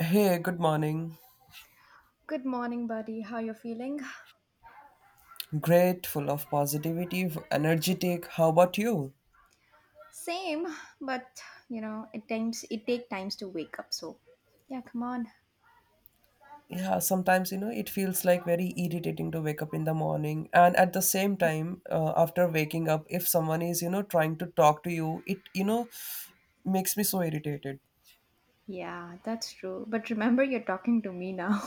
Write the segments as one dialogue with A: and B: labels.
A: Hey, good morning.
B: Good morning, buddy. How you feeling?
A: Great, full of positivity, energetic. How about you?
B: Same, but it times it take times to wake up. So, yeah, come on.
A: Yeah, sometimes you know it feels like very irritating to wake up in the morning, and at the same time, after waking up, if someone is trying to talk to you, it makes me so irritated.
B: Yeah, that's true. But remember, you're talking to me now.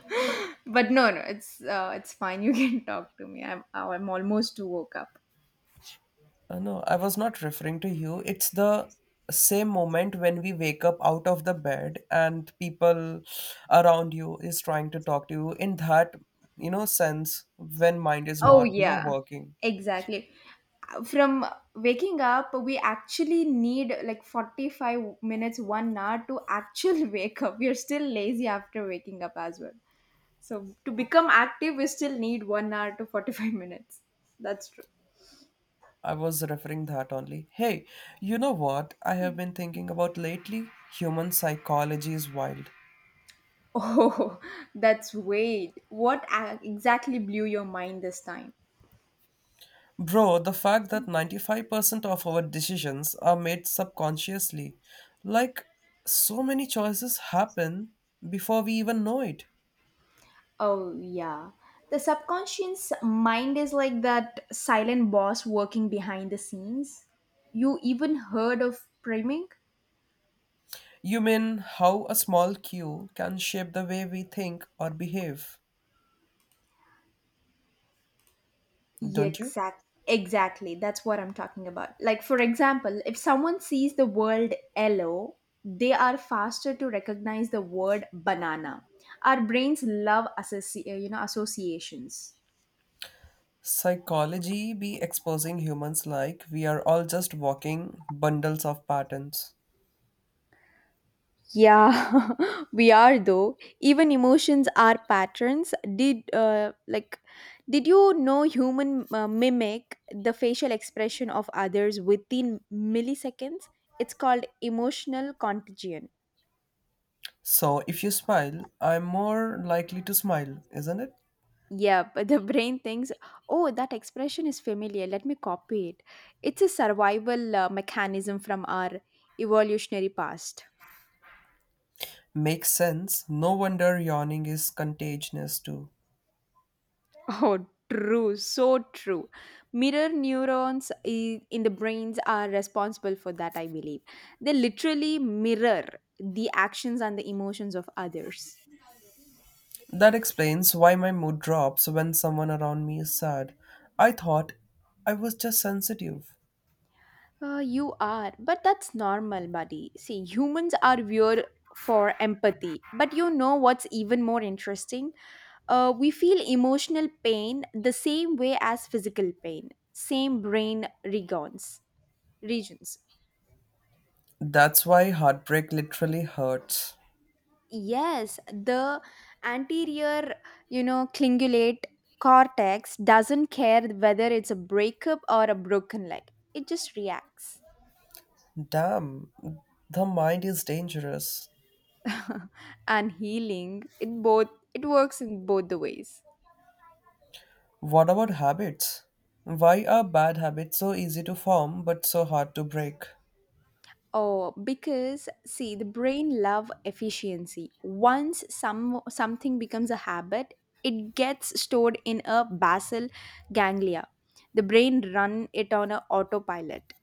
B: But no, no, it's fine. You can talk to me. I'm almost woke up.
A: No, I was not referring to you. It's the same moment when we wake up out of the bed and people around you is trying to talk to you in that, you know, sense when mind is
B: Oh
A: not, you know,
B: yeah,
A: working.
B: exactly. From waking up, we actually need like 45 minutes, 1 hour to actually wake up. We're still lazy after waking up as well. So to become active, we still need 1 hour to 45 minutes. That's true.
A: I was referring that only. Hey, you know what I have been thinking about lately? Human psychology is wild.
B: Oh, that's weird. What exactly blew your mind this time?
A: Bro, the fact that 95% of our decisions are made subconsciously, like so many choices happen before we even know it.
B: Oh, yeah. The subconscious mind is like that silent boss working behind the scenes. You even heard of priming?
A: You mean how a small cue can shape the way we think or behave,
B: Yeah,
A: don't you?
B: exactly. That's what I'm talking about. Like for example, if someone sees the word yellow, they are faster to recognize the word banana. Our brains love associations.
A: Psychology be exposing humans like we are all just walking bundles of patterns.
B: Yeah, we are though. Even emotions are patterns. Did you know human mimic the facial expression of others within milliseconds? It's called emotional contagion.
A: So if you smile, I'm more likely to smile, isn't it?
B: Yeah, but the brain thinks, oh, that expression is familiar. Let me copy it. It's a survival mechanism from our evolutionary past.
A: Makes sense. No wonder yawning is contagious too.
B: Oh, true. So true. Mirror neurons in the brains are responsible for that, I believe. They literally mirror the actions and the emotions of others.
A: That explains why my mood drops when someone around me is sad. I thought I was just sensitive.
B: You are, but that's normal, buddy. See, humans are weird for empathy. But you know what's even more interesting? We feel emotional pain the same way as physical pain, same brain regions. Regions.
A: That's why heartbreak literally hurts.
B: Yes, the anterior, cingulate cortex doesn't care whether it's a breakup or a broken leg. It just reacts.
A: Damn, the mind is dangerous.
B: And healing, it works in both the ways.
A: What about habits? Why are bad habits so easy to form but so hard to break?
B: Oh, because see, the brain love efficiency. Once something becomes a habit, it gets stored in a basal ganglia. The brain run it on a autopilot.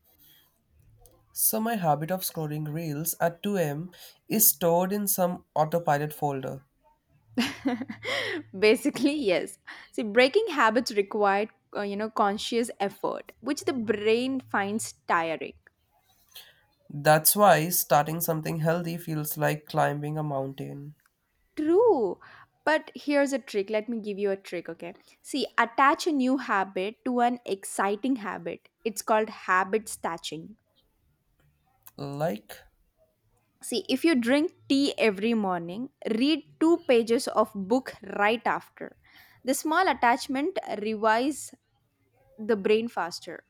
A: So, my habit of scrolling reels at 2 a.m. is stored in some autopilot folder.
B: Basically, yes. See, breaking habits required, conscious effort, which the brain finds tiring.
A: That's why starting something healthy feels like climbing a mountain.
B: True. But here's a trick. Let me give you a trick, okay? See, attach a new habit to an exciting habit. It's called habit stashing.
A: Like?
B: See, if you drink tea every morning, read two pages of book right after. The small attachment revives the brain faster.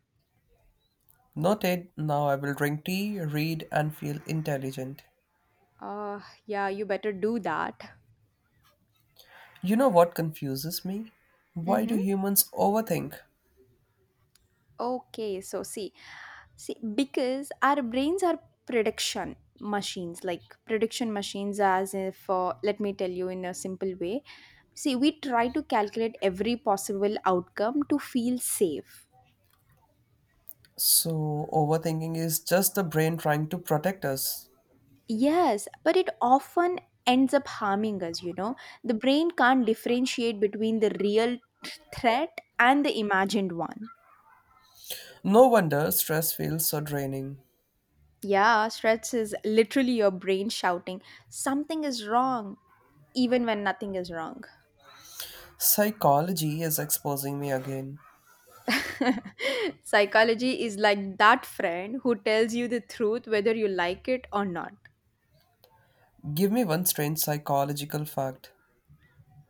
A: Noted, now I will drink tea, read, and feel intelligent.
B: Uh, yeah, you better do that.
A: You know what confuses me? Why do
B: Mhm.
A: humans overthink?
B: Okay, so see, because our brains are prediction machines, like prediction machines, as if, let me tell you in a simple way. See, we try to calculate every possible outcome to feel safe.
A: So, overthinking is just the brain trying to protect us.
B: Yes, but it often ends up harming us. The brain can't differentiate between the real threat and the imagined one.
A: No wonder stress feels so draining.
B: Yeah, stress is literally your brain shouting, something is wrong, even when nothing is wrong.
A: Psychology is exposing me again.
B: Psychology is like that friend who tells you the truth whether you like it or not.
A: Give me one strange psychological fact.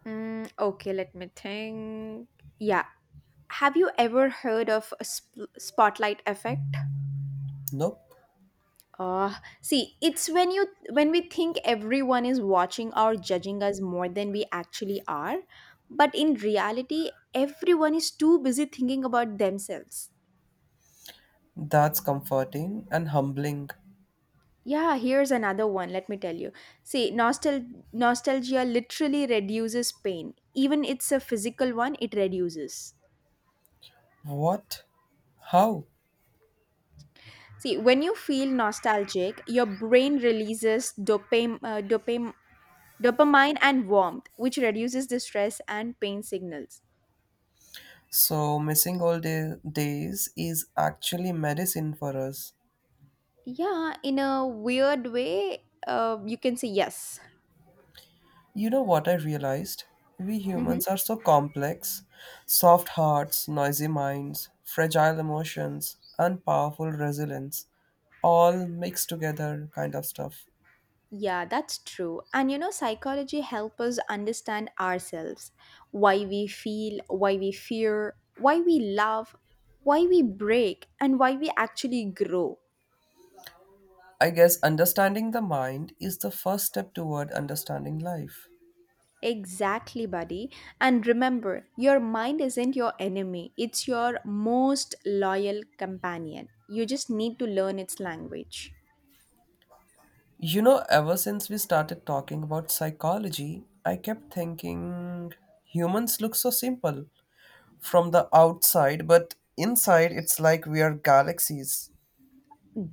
B: Mm, okay, let me think. Yeah. Have you ever heard of a spotlight effect?
A: Nope.
B: Uh, see, it's when we think everyone is watching or judging us more than we actually are, but in reality, everyone is too busy thinking about themselves.
A: That's comforting and humbling.
B: Yeah, here's another one, let me tell you. See, nostalgia literally reduces pain. Even it's a physical one, it reduces.
A: What? How?
B: See, when you feel nostalgic, your brain releases dopamine and warmth, which reduces the stress and pain signals.
A: So, missing all days is actually medicine for us.
B: Yeah, in a weird way, you can say yes.
A: You know what I realized? We
B: Hmm.
A: humans are so complex, soft hearts, noisy minds, fragile emotions, and powerful resilience, all mixed together kind of stuff.
B: Yeah, that's true. And psychology helps us understand ourselves, why we feel, why we fear, why we love, why we break, and why we actually grow.
A: I guess understanding the mind is the first step toward understanding life.
B: Exactly, buddy. And remember, your mind isn't your enemy, it's your most loyal companion. You just need to learn its language.
A: You know, ever since we started talking about psychology, I kept thinking humans look so simple from the outside, but inside it's like we are galaxies.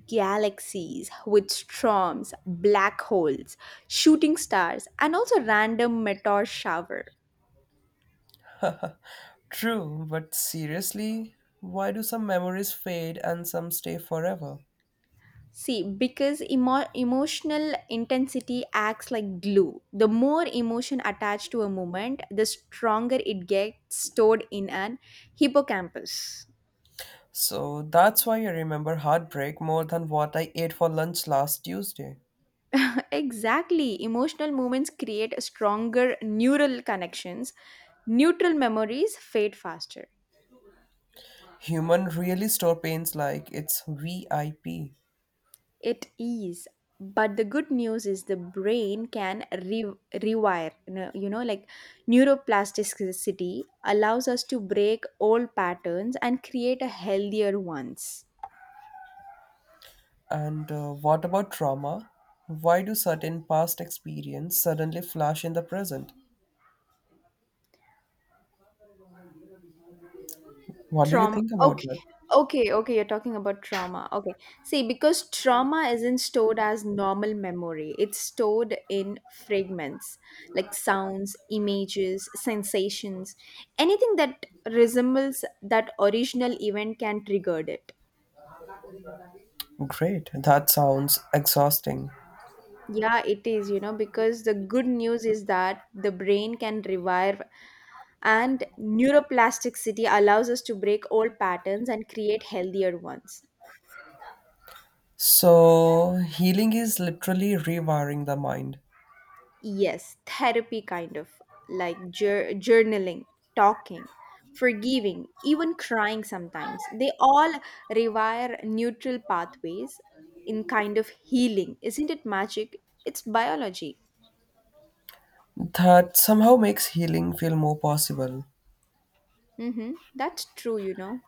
B: Galaxies with storms, black holes, shooting stars, and also random meteor shower.
A: True, but seriously, why do some memories fade and some stay forever?
B: See, because emotional intensity acts like glue. The more emotion attached to a moment, the stronger it gets stored in an hippocampus.
A: So that's why I remember heartbreak more than what I ate for lunch last Tuesday.
B: Exactly. Emotional moments create stronger neural connections. Neutral memories fade faster.
A: Human really store pains like it's VIP.
B: It is. But the good news is the brain can rewire. You know, like neuroplasticity allows us to break old patterns and create a healthier ones.
A: And what about trauma? Why do certain past experience suddenly flash in the present? What do you
B: Trauma.
A: think about
B: Okay.
A: that?
B: Okay, okay, you're talking about trauma. Okay. See, because trauma isn't stored as normal memory, it's stored in fragments like sounds, images, sensations. Anything that resembles that original event can trigger it.
A: Great, that sounds exhausting.
B: Yeah, it is, because the good news is that the brain can revive, and neuroplasticity allows us to break old patterns and create healthier ones.
A: So, healing is literally rewiring the mind.
B: Yes, therapy kind of like journaling, talking, forgiving, even crying sometimes. They all rewire neutral pathways in kind of healing. Isn't it magic? It's biology.
A: That somehow makes healing feel more possible.
B: Mm-hmm. That's true.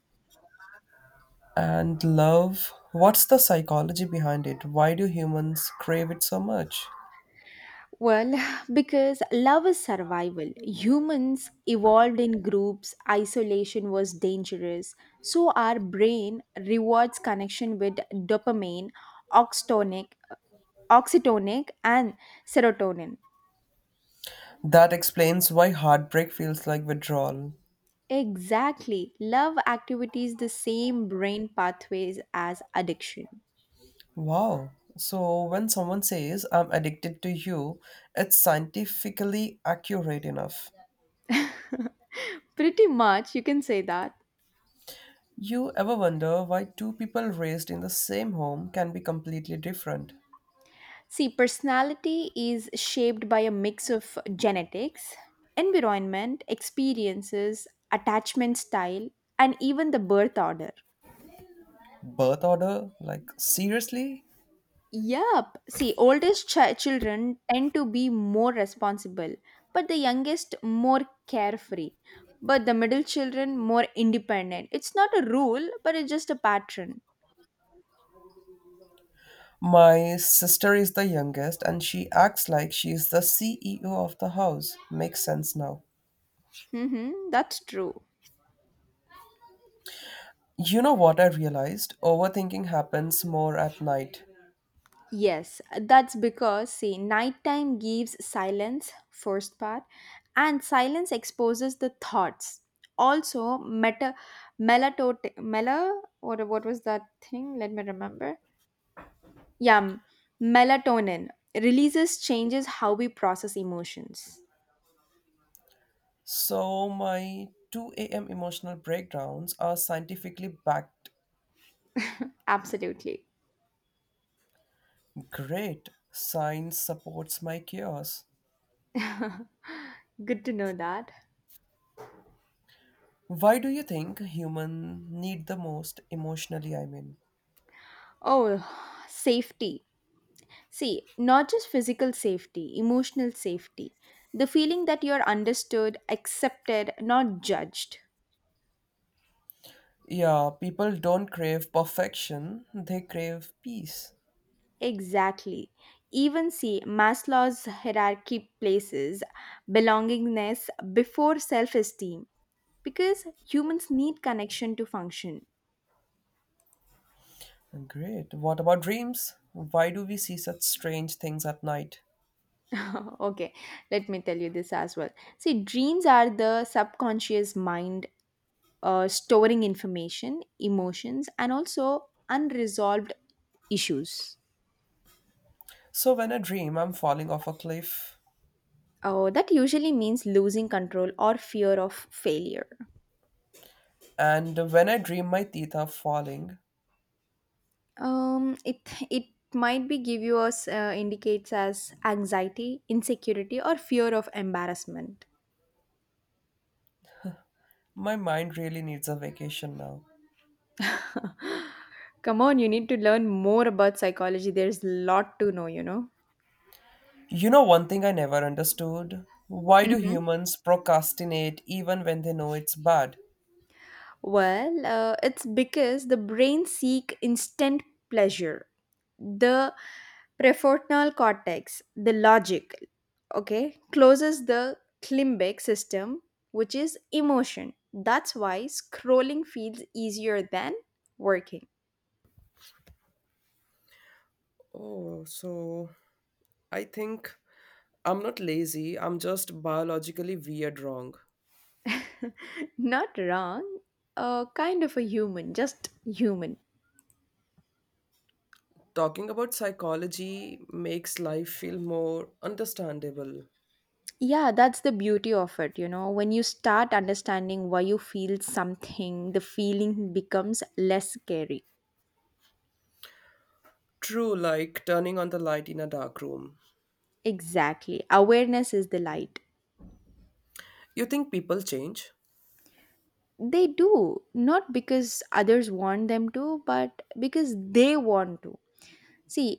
A: And love, what's the psychology behind it? Why do humans crave it so much?
B: Well, because love is survival. Humans evolved in groups, isolation was dangerous. So, our brain rewards connection with dopamine, oxytonic, oxytonic and serotonin.
A: That explains why heartbreak feels like withdrawal.
B: Exactly. Love activates the same brain pathways as addiction.
A: Wow. So, when someone says, I'm addicted to you, it's scientifically accurate enough.
B: Pretty much, you can say that.
A: You ever wonder why two people raised in the same home can be completely different?
B: See, personality is shaped by a mix of genetics, environment, experiences, attachment style, and even the birth order.
A: Birth order? Like, seriously?
B: Yup. See, oldest children tend to be more responsible, but the youngest more carefree, but the middle children more independent. It's not a rule, but it's just a pattern.
A: My sister is the youngest and she acts like she's the CEO of the house. Makes sense now.
B: Hmm, that's true.
A: You know what I realized? Overthinking happens more at night.
B: Yes, that's because, see, nighttime gives silence, first part, and silence exposes the thoughts. Also, melatonin, or what was that thing? Let me remember. Yeah, melatonin releases changes how we process emotions.
A: So my 2 a.m. emotional breakdowns are scientifically backed.
B: Absolutely.
A: Great. Science supports my chaos.
B: Good to know that.
A: Why do you think human need the most emotionally, I mean?
B: Oh, safety. See, not just physical safety, emotional safety. The feeling that you're understood, accepted, not judged.
A: Yeah, people don't crave perfection, they crave peace.
B: Exactly. Even see, Maslow's hierarchy places belongingness before self esteem because humans need connection to function.
A: Great. What about dreams? Why do we see such strange things at night?
B: Okay, let me tell you this as well. See, dreams are the subconscious mind storing information, emotions, and also unresolved issues.
A: So, when I dream, I'm falling off a cliff.
B: Oh, that usually means losing control or fear of failure.
A: And when I dream, my teeth are falling.
B: Um, it it might be give you us indicates as anxiety, insecurity, or fear of embarrassment.
A: My mind really needs a vacation now.
B: Come on, you need to learn more about psychology. There's lot to know.
A: You know, one thing I never understood, why do
B: Mm-hmm.
A: humans procrastinate even when they know it's bad?
B: Well, it's because the brain seek instant pleasure. The prefrontal cortex, the logic, okay, closes the limbic system, which is emotion. That's why scrolling feels easier than working.
A: Oh, so I think I'm not lazy, I'm just biologically weird, wrong.
B: Not wrong, kind of a human, just human.
A: Talking about psychology makes life feel more understandable.
B: Yeah, that's the beauty of it. You know, when you start understanding why you feel something, the feeling becomes less scary.
A: True, like turning on the light in a dark room.
B: Exactly. Awareness is the light.
A: You think people change?
B: They do, not because others want them to, but because they want to. See,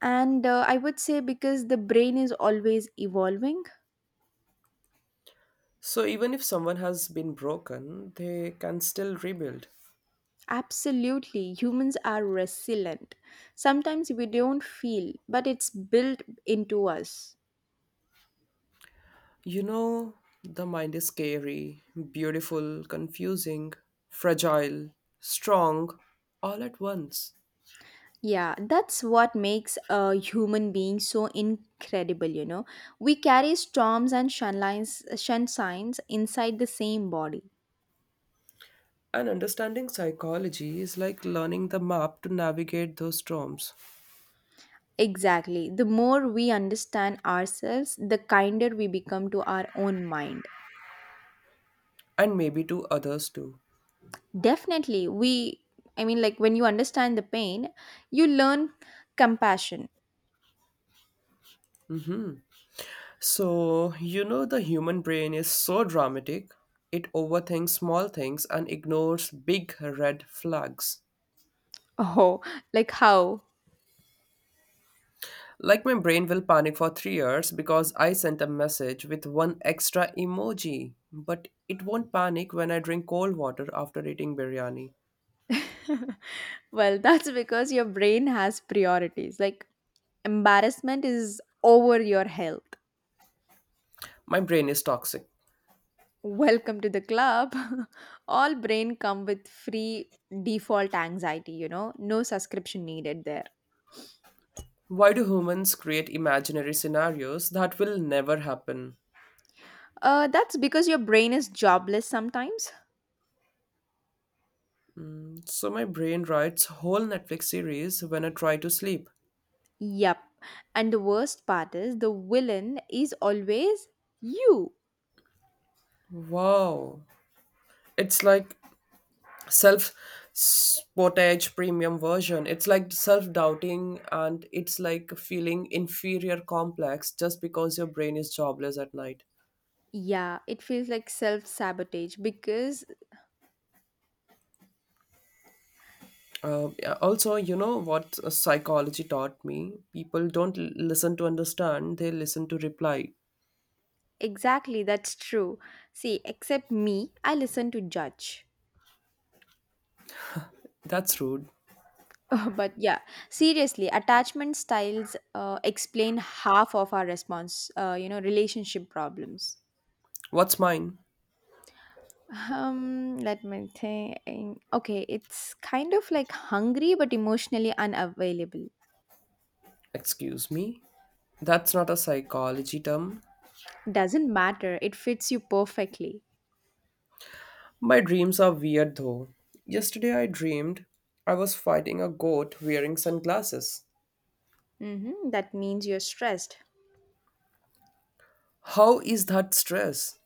B: and I would say because the brain is always evolving.
A: So, even if someone has been broken, they can still rebuild.
B: Absolutely. Humans are resilient. Sometimes we don't feel, but it's built into us.
A: You know, the mind is scary, beautiful, confusing, fragile, strong, all at once.
B: Yeah, that's what makes a human being so incredible. We carry storms and sunlines, sun signs inside the same body.
A: And understanding psychology is like learning the map to navigate those storms,
B: Exactly. The more we understand ourselves, the kinder we become to our own mind.
A: and maybe to others too.
B: Definitely. I mean, like when you understand the pain, you learn compassion.
A: So, you know, the human brain is so dramatic, it overthinks small things and ignores big red flags.
B: Oh, like how?
A: Like, my brain will panic for 3 years because I sent a message with one extra emoji, but it won't panic when I drink cold water after eating biryani.
B: Well, that's because your brain has priorities. Like embarrassment is over your health.
A: My brain is toxic.
B: Welcome to the club. All brain come with free default anxiety, no subscription needed there.
A: Why do humans create imaginary scenarios that will never happen?
B: That's because your brain is jobless sometimes.
A: So, my brain writes whole Netflix series when I try to sleep.
B: Yep, and the worst part is the villain is always you.
A: Wow. It's like self sportage premium version, it's like self-doubting and it's like feeling inferior complex just because your brain is jobless at night.
B: Yeah, it feels like self-sabotage because
A: Yeah, also you know what, psychology taught me people don't listen to understand, they listen to reply.
B: exactly that's true. See, except me, I listen to judge.
A: That's rude.
B: But yeah, seriously, attachment styles explain half of our relationship problems.
A: What's mine?
B: Let me think. Okay, it's kind of like hungry but emotionally unavailable.
A: Excuse me, that's not a psychology term.
B: Doesn't matter, it fits you perfectly.
A: My dreams are weird though. Yesterday I dreamed I was fighting a goat wearing sunglasses.
B: Mm-hmm, that means you're stressed.
A: How is that stress?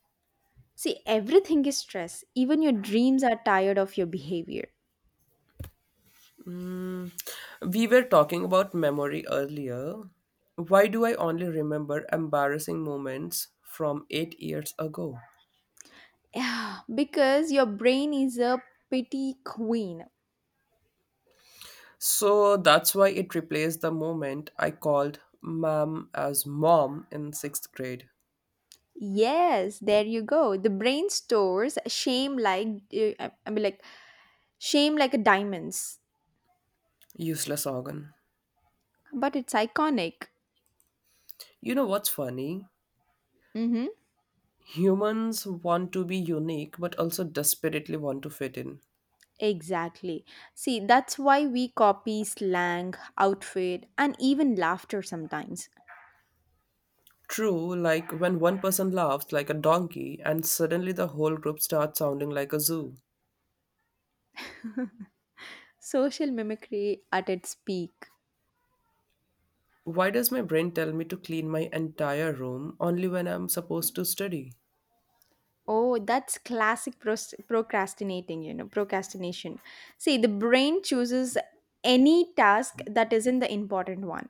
B: See, everything is stress. Even your dreams are tired of your behavior.
A: We were talking about memory earlier. Why do I only remember embarrassing moments from 8 years ago?
B: Yeah, because your brain is a pity queen.
A: So that's why it replaced the moment I called mom as mom in sixth grade.
B: Yes, there you go. The brain stores shame like I mean like shame like a diamonds,
A: Useless organ.
B: but it's iconic.
A: You know what's funny?
B: Mm-hmm.
A: Humans want to be unique but also desperately want to fit in.
B: Exactly. See, that's why we copy slang, outfit, and even laughter sometimes.
A: True, like when one person laughs like a donkey and suddenly the whole group starts sounding like a zoo.
B: Social mimicry at its peak.
A: Why does my brain tell me to clean my entire room only when I'm supposed to study?
B: Oh, that's classic procrastination. See, the brain chooses any task that isn't the important one.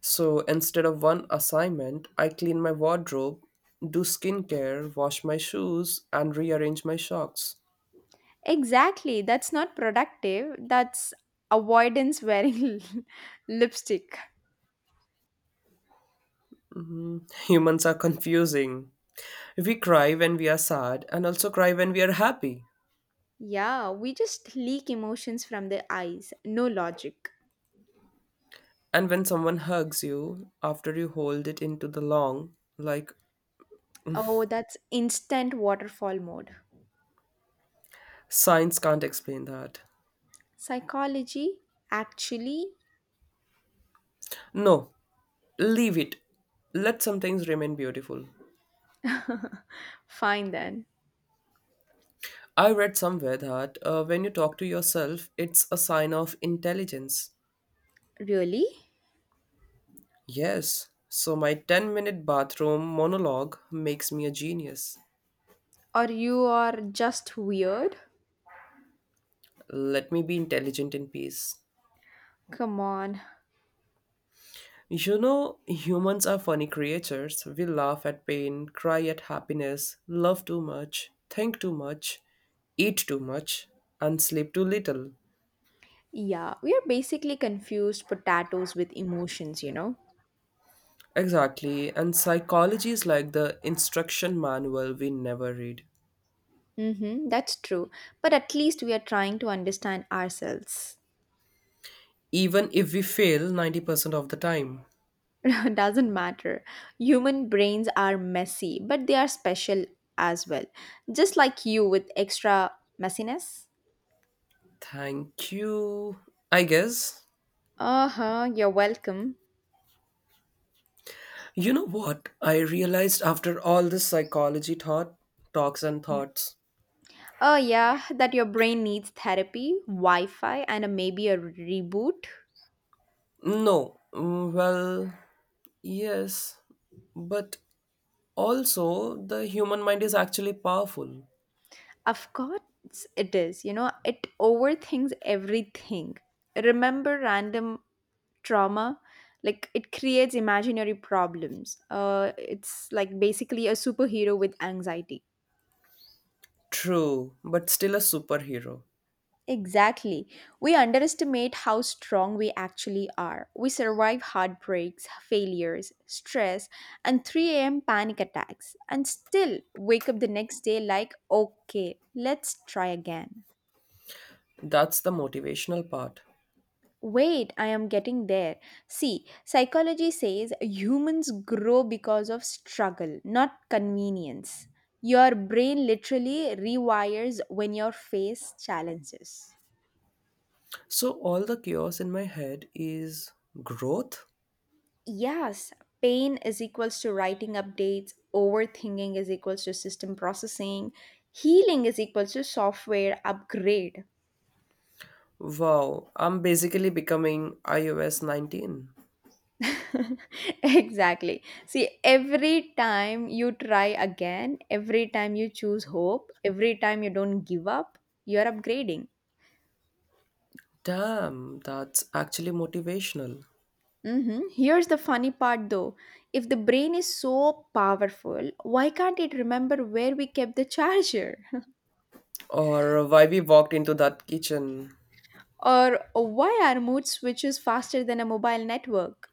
A: So instead of one assignment, I clean my wardrobe, do skincare, wash my shoes, and rearrange my socks.
B: Exactly. That's not productive. That's avoidance wearing lipstick.
A: Humans are confusing. We cry when we are sad and also cry when we are happy.
B: Yeah, we just leak emotions from the eyes. No logic.
A: And when someone hugs you after you hold it into the long, like,
B: Oh, that's instant waterfall mode.
A: science can't explain that.
B: Psychology? Actually?
A: No, leave it. Let some things remain beautiful.
B: Fine then.
A: I read somewhere that when you talk to yourself, it's a sign of intelligence.
B: Really?
A: Yes, so my 10-minute bathroom monologue makes me a genius.
B: Or you are just weird?
A: Let me be intelligent in peace.
B: Come on.
A: You know, humans are funny creatures. We laugh at pain, cry at happiness, love too much, think too much, eat too much, and sleep too little.
B: Yeah, we are basically confused potatoes with emotions, you know?
A: Exactly, and psychology is like the instruction manual we never read.
B: Mm-hmm, that's true. But at least we are trying to understand ourselves.
A: Even if we fail 90% of the time.
B: It doesn't matter. Human brains are messy, but they are special as well. Just like you with extra messiness.
A: Thank you, I guess.
B: Uh huh, you're welcome.
A: You know what? I realized after all this psychology thought, talks, and thoughts.
B: Oh, yeah, that your brain needs therapy, Wi Fi, and maybe a reboot.
A: No, well, yes, but also the human mind is actually powerful.
B: Of course, it is. You know, it overthinks everything. Remember random trauma like it creates imaginary problems, it's like basically a superhero with anxiety.
A: True, but still a superhero.
B: Exactly. We underestimate how strong we actually are. We survive heartbreaks, failures, stress, and 3 a.m. panic attacks, and still wake up the next day like, okay, let's try again.
A: That's the motivational part.
B: Wait, I am getting there. See, psychology says humans grow because of struggle, not convenience. Your brain literally rewires when you face challenges.
A: So, all the chaos in my head is growth?
B: Yes, pain is equals to writing updates, overthinking is equals to system processing, healing is equals to software upgrade.
A: Wow, I'm basically becoming iOS 19.
B: Exactly. See, every time you try again, every time you choose hope, every time you don't give up, you're upgrading.
A: Damn, that's actually motivational.
B: Hmm. Here's the funny part though. If the brain is so powerful, why can't it remember where we kept the charger?
A: Or why we walked into that kitchen.
B: Or why our mood switches faster than a mobile network?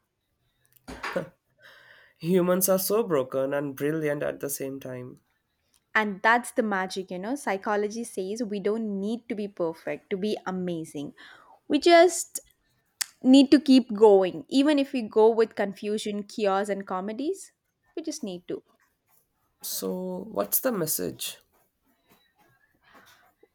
A: Humans are so broken and brilliant at the same time.
B: And that's the magic, you know. Psychology says we don't need to be perfect to be amazing. We just need to keep going even if we go with confusion, chaos and comedies. We just need to.
A: So, what's the message?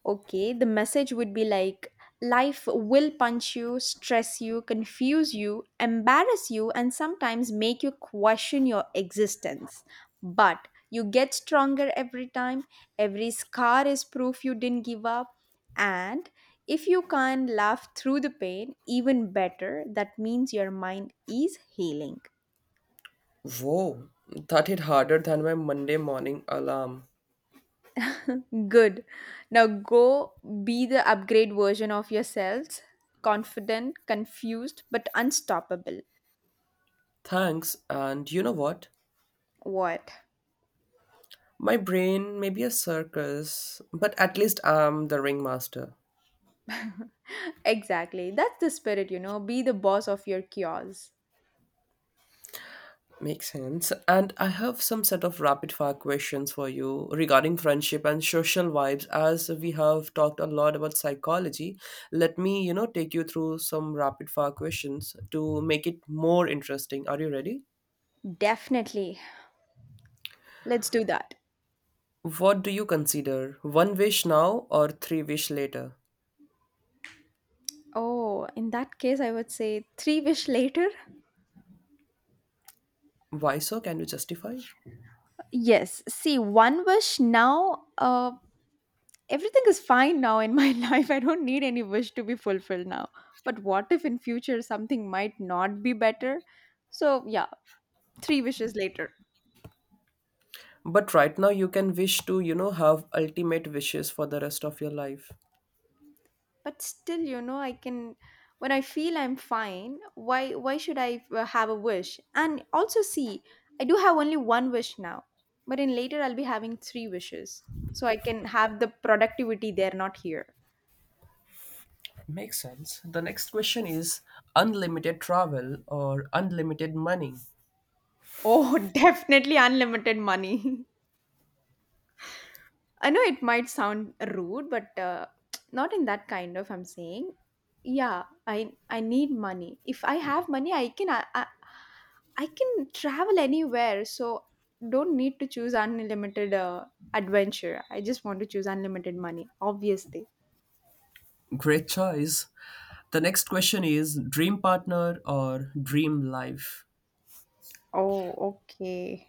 B: Okay, the message would be like, life will punch you, stress you, confuse you, embarrass you and sometimes make you question your existence, but you get stronger every time. Every scar is proof you didn't give up. And if you can laugh through the pain, even better. That means your mind is healing.
A: Whoa, that hit harder than my Monday morning alarm.
B: Good. Now go be the upgrade version of yourselves. Confident, confused, but unstoppable.
A: Thanks, and you know what?
B: What?
A: My brain may be a circus, but at least I'm the ringmaster.
B: Exactly. That's the spirit, you know. Be the boss of your chaos.
A: Makes sense. And I have some set of rapid fire questions for you regarding friendship and social vibes. As we have talked a lot about psychology, let me, you know, take you through some rapid fire questions to make it more interesting. Are you ready?
B: Definitely. Let's do that.
A: What do you consider, one wish now or three wish later?
B: Oh, in that case, I would say three wish later.
A: Why so? Can you justify?
B: Yes. See, one wish now. Everything is fine now in my life. I don't need any wish to be fulfilled now. But what if in future something might not be better? So yeah, three wishes later.
A: But right now you can wish to, you know, have ultimate wishes for the rest of your life.
B: But still, you know, I can when I feel I'm fine. Why should I have a wish? And also see, I do have only one wish now, but in later I'll be having three wishes, so I can have the productivity there, not here.
A: Makes sense. The next question is, unlimited travel or unlimited money?
B: Oh, definitely unlimited money. I know it might sound rude, but not in that kind of I'm saying. Yeah, I need money. If I have money, I can travel anywhere, so don't need to choose unlimited adventure. I just want to choose unlimited money, obviously.
A: Great choice. The next question is, dream partner or dream life?
B: Oh, okay.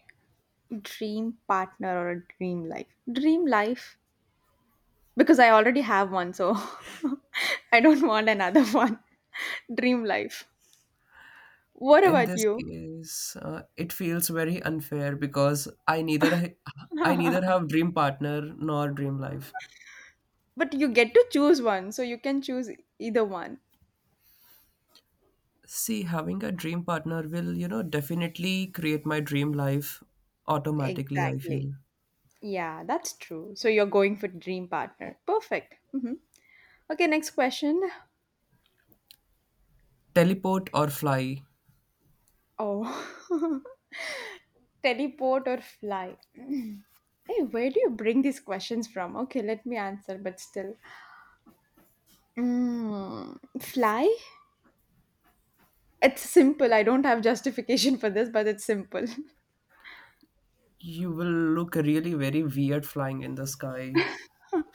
B: Dream partner or a dream life? Dream life, because I already have one, so I don't want another one. Dream life. What
A: In
B: about
A: this
B: you?
A: case, it feels very unfair because I neither I neither
B: But
A: have dream partner nor dream life.
B: you get to choose one, so you can choose either one.
A: See, having a dream partner will, you know, definitely create my dream life automatically, I
B: Exactly.
A: feel.
B: Yeah, that's true. So you're going for dream partner. Perfect. Mhm. Okay, next question.
A: Teleport or fly?
B: Oh, teleport or fly? Hey, where do you bring these questions from? Okay, let me answer, but still. Mm, fly? It's simple. I don't have justification for this, but it's simple.
A: You will look really very weird flying in the sky.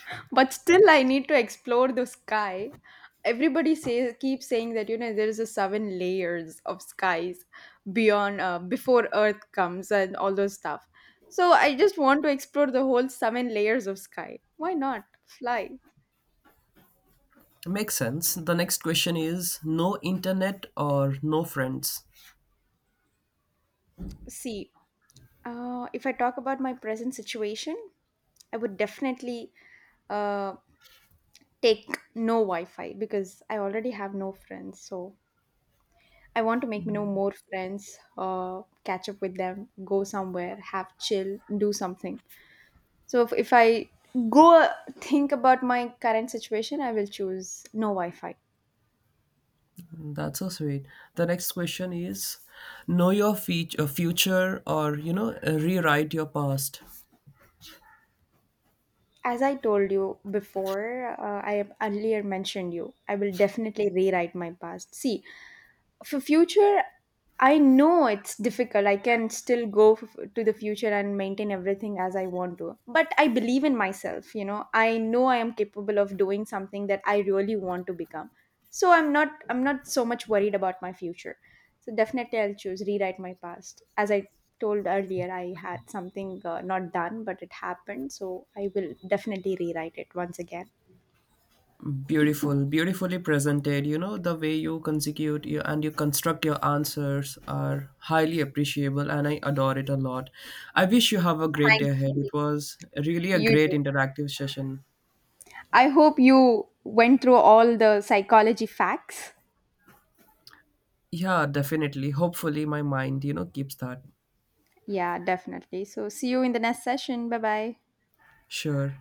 B: But still, I need to explore the sky. Everybody says, keeps saying that, you know, there is a seven layers of skies beyond, before Earth comes and all those stuff. So I just want to explore the whole seven layers of sky. Why not? Fly.
A: Makes sense. The next question is, no internet or no friends.
B: See, if I talk about my present situation, I would definitely uh, take no Wi Fi because I already have no friends. So I want to make no more friends, catch up with them, go somewhere, have chill, do something. So if I go think about my current situation, I will choose no Wi Fi.
A: That's so sweet. The next question is, know your feature, future, or you know, rewrite your past.
B: As I told you before, I have earlier mentioned you, I will definitely rewrite my past. See, for future, I know it's difficult. I can still to the future and maintain everything as I want to, but I believe in myself. You know, I know I am capable of doing something that I really want to become. So I'm not so much worried about my future, so definitely I'll choose rewrite my past. As I told earlier, I had something not done, but it happened, so I will definitely rewrite it once again.
A: Beautiful, beautifully presented. You know the way you consecutive you, and you construct your answers are highly appreciable, and I adore it a lot. I wish you have a great day
B: Thank
A: ahead. It
B: you.
A: was really a
B: You
A: great
B: too.
A: interactive session.
B: I hope you went through all the psychology facts.
A: Yeah, definitely. Hopefully, my mind, you know, keeps that.
B: Yeah, definitely. So, see you in the next session. Bye bye.
A: Sure.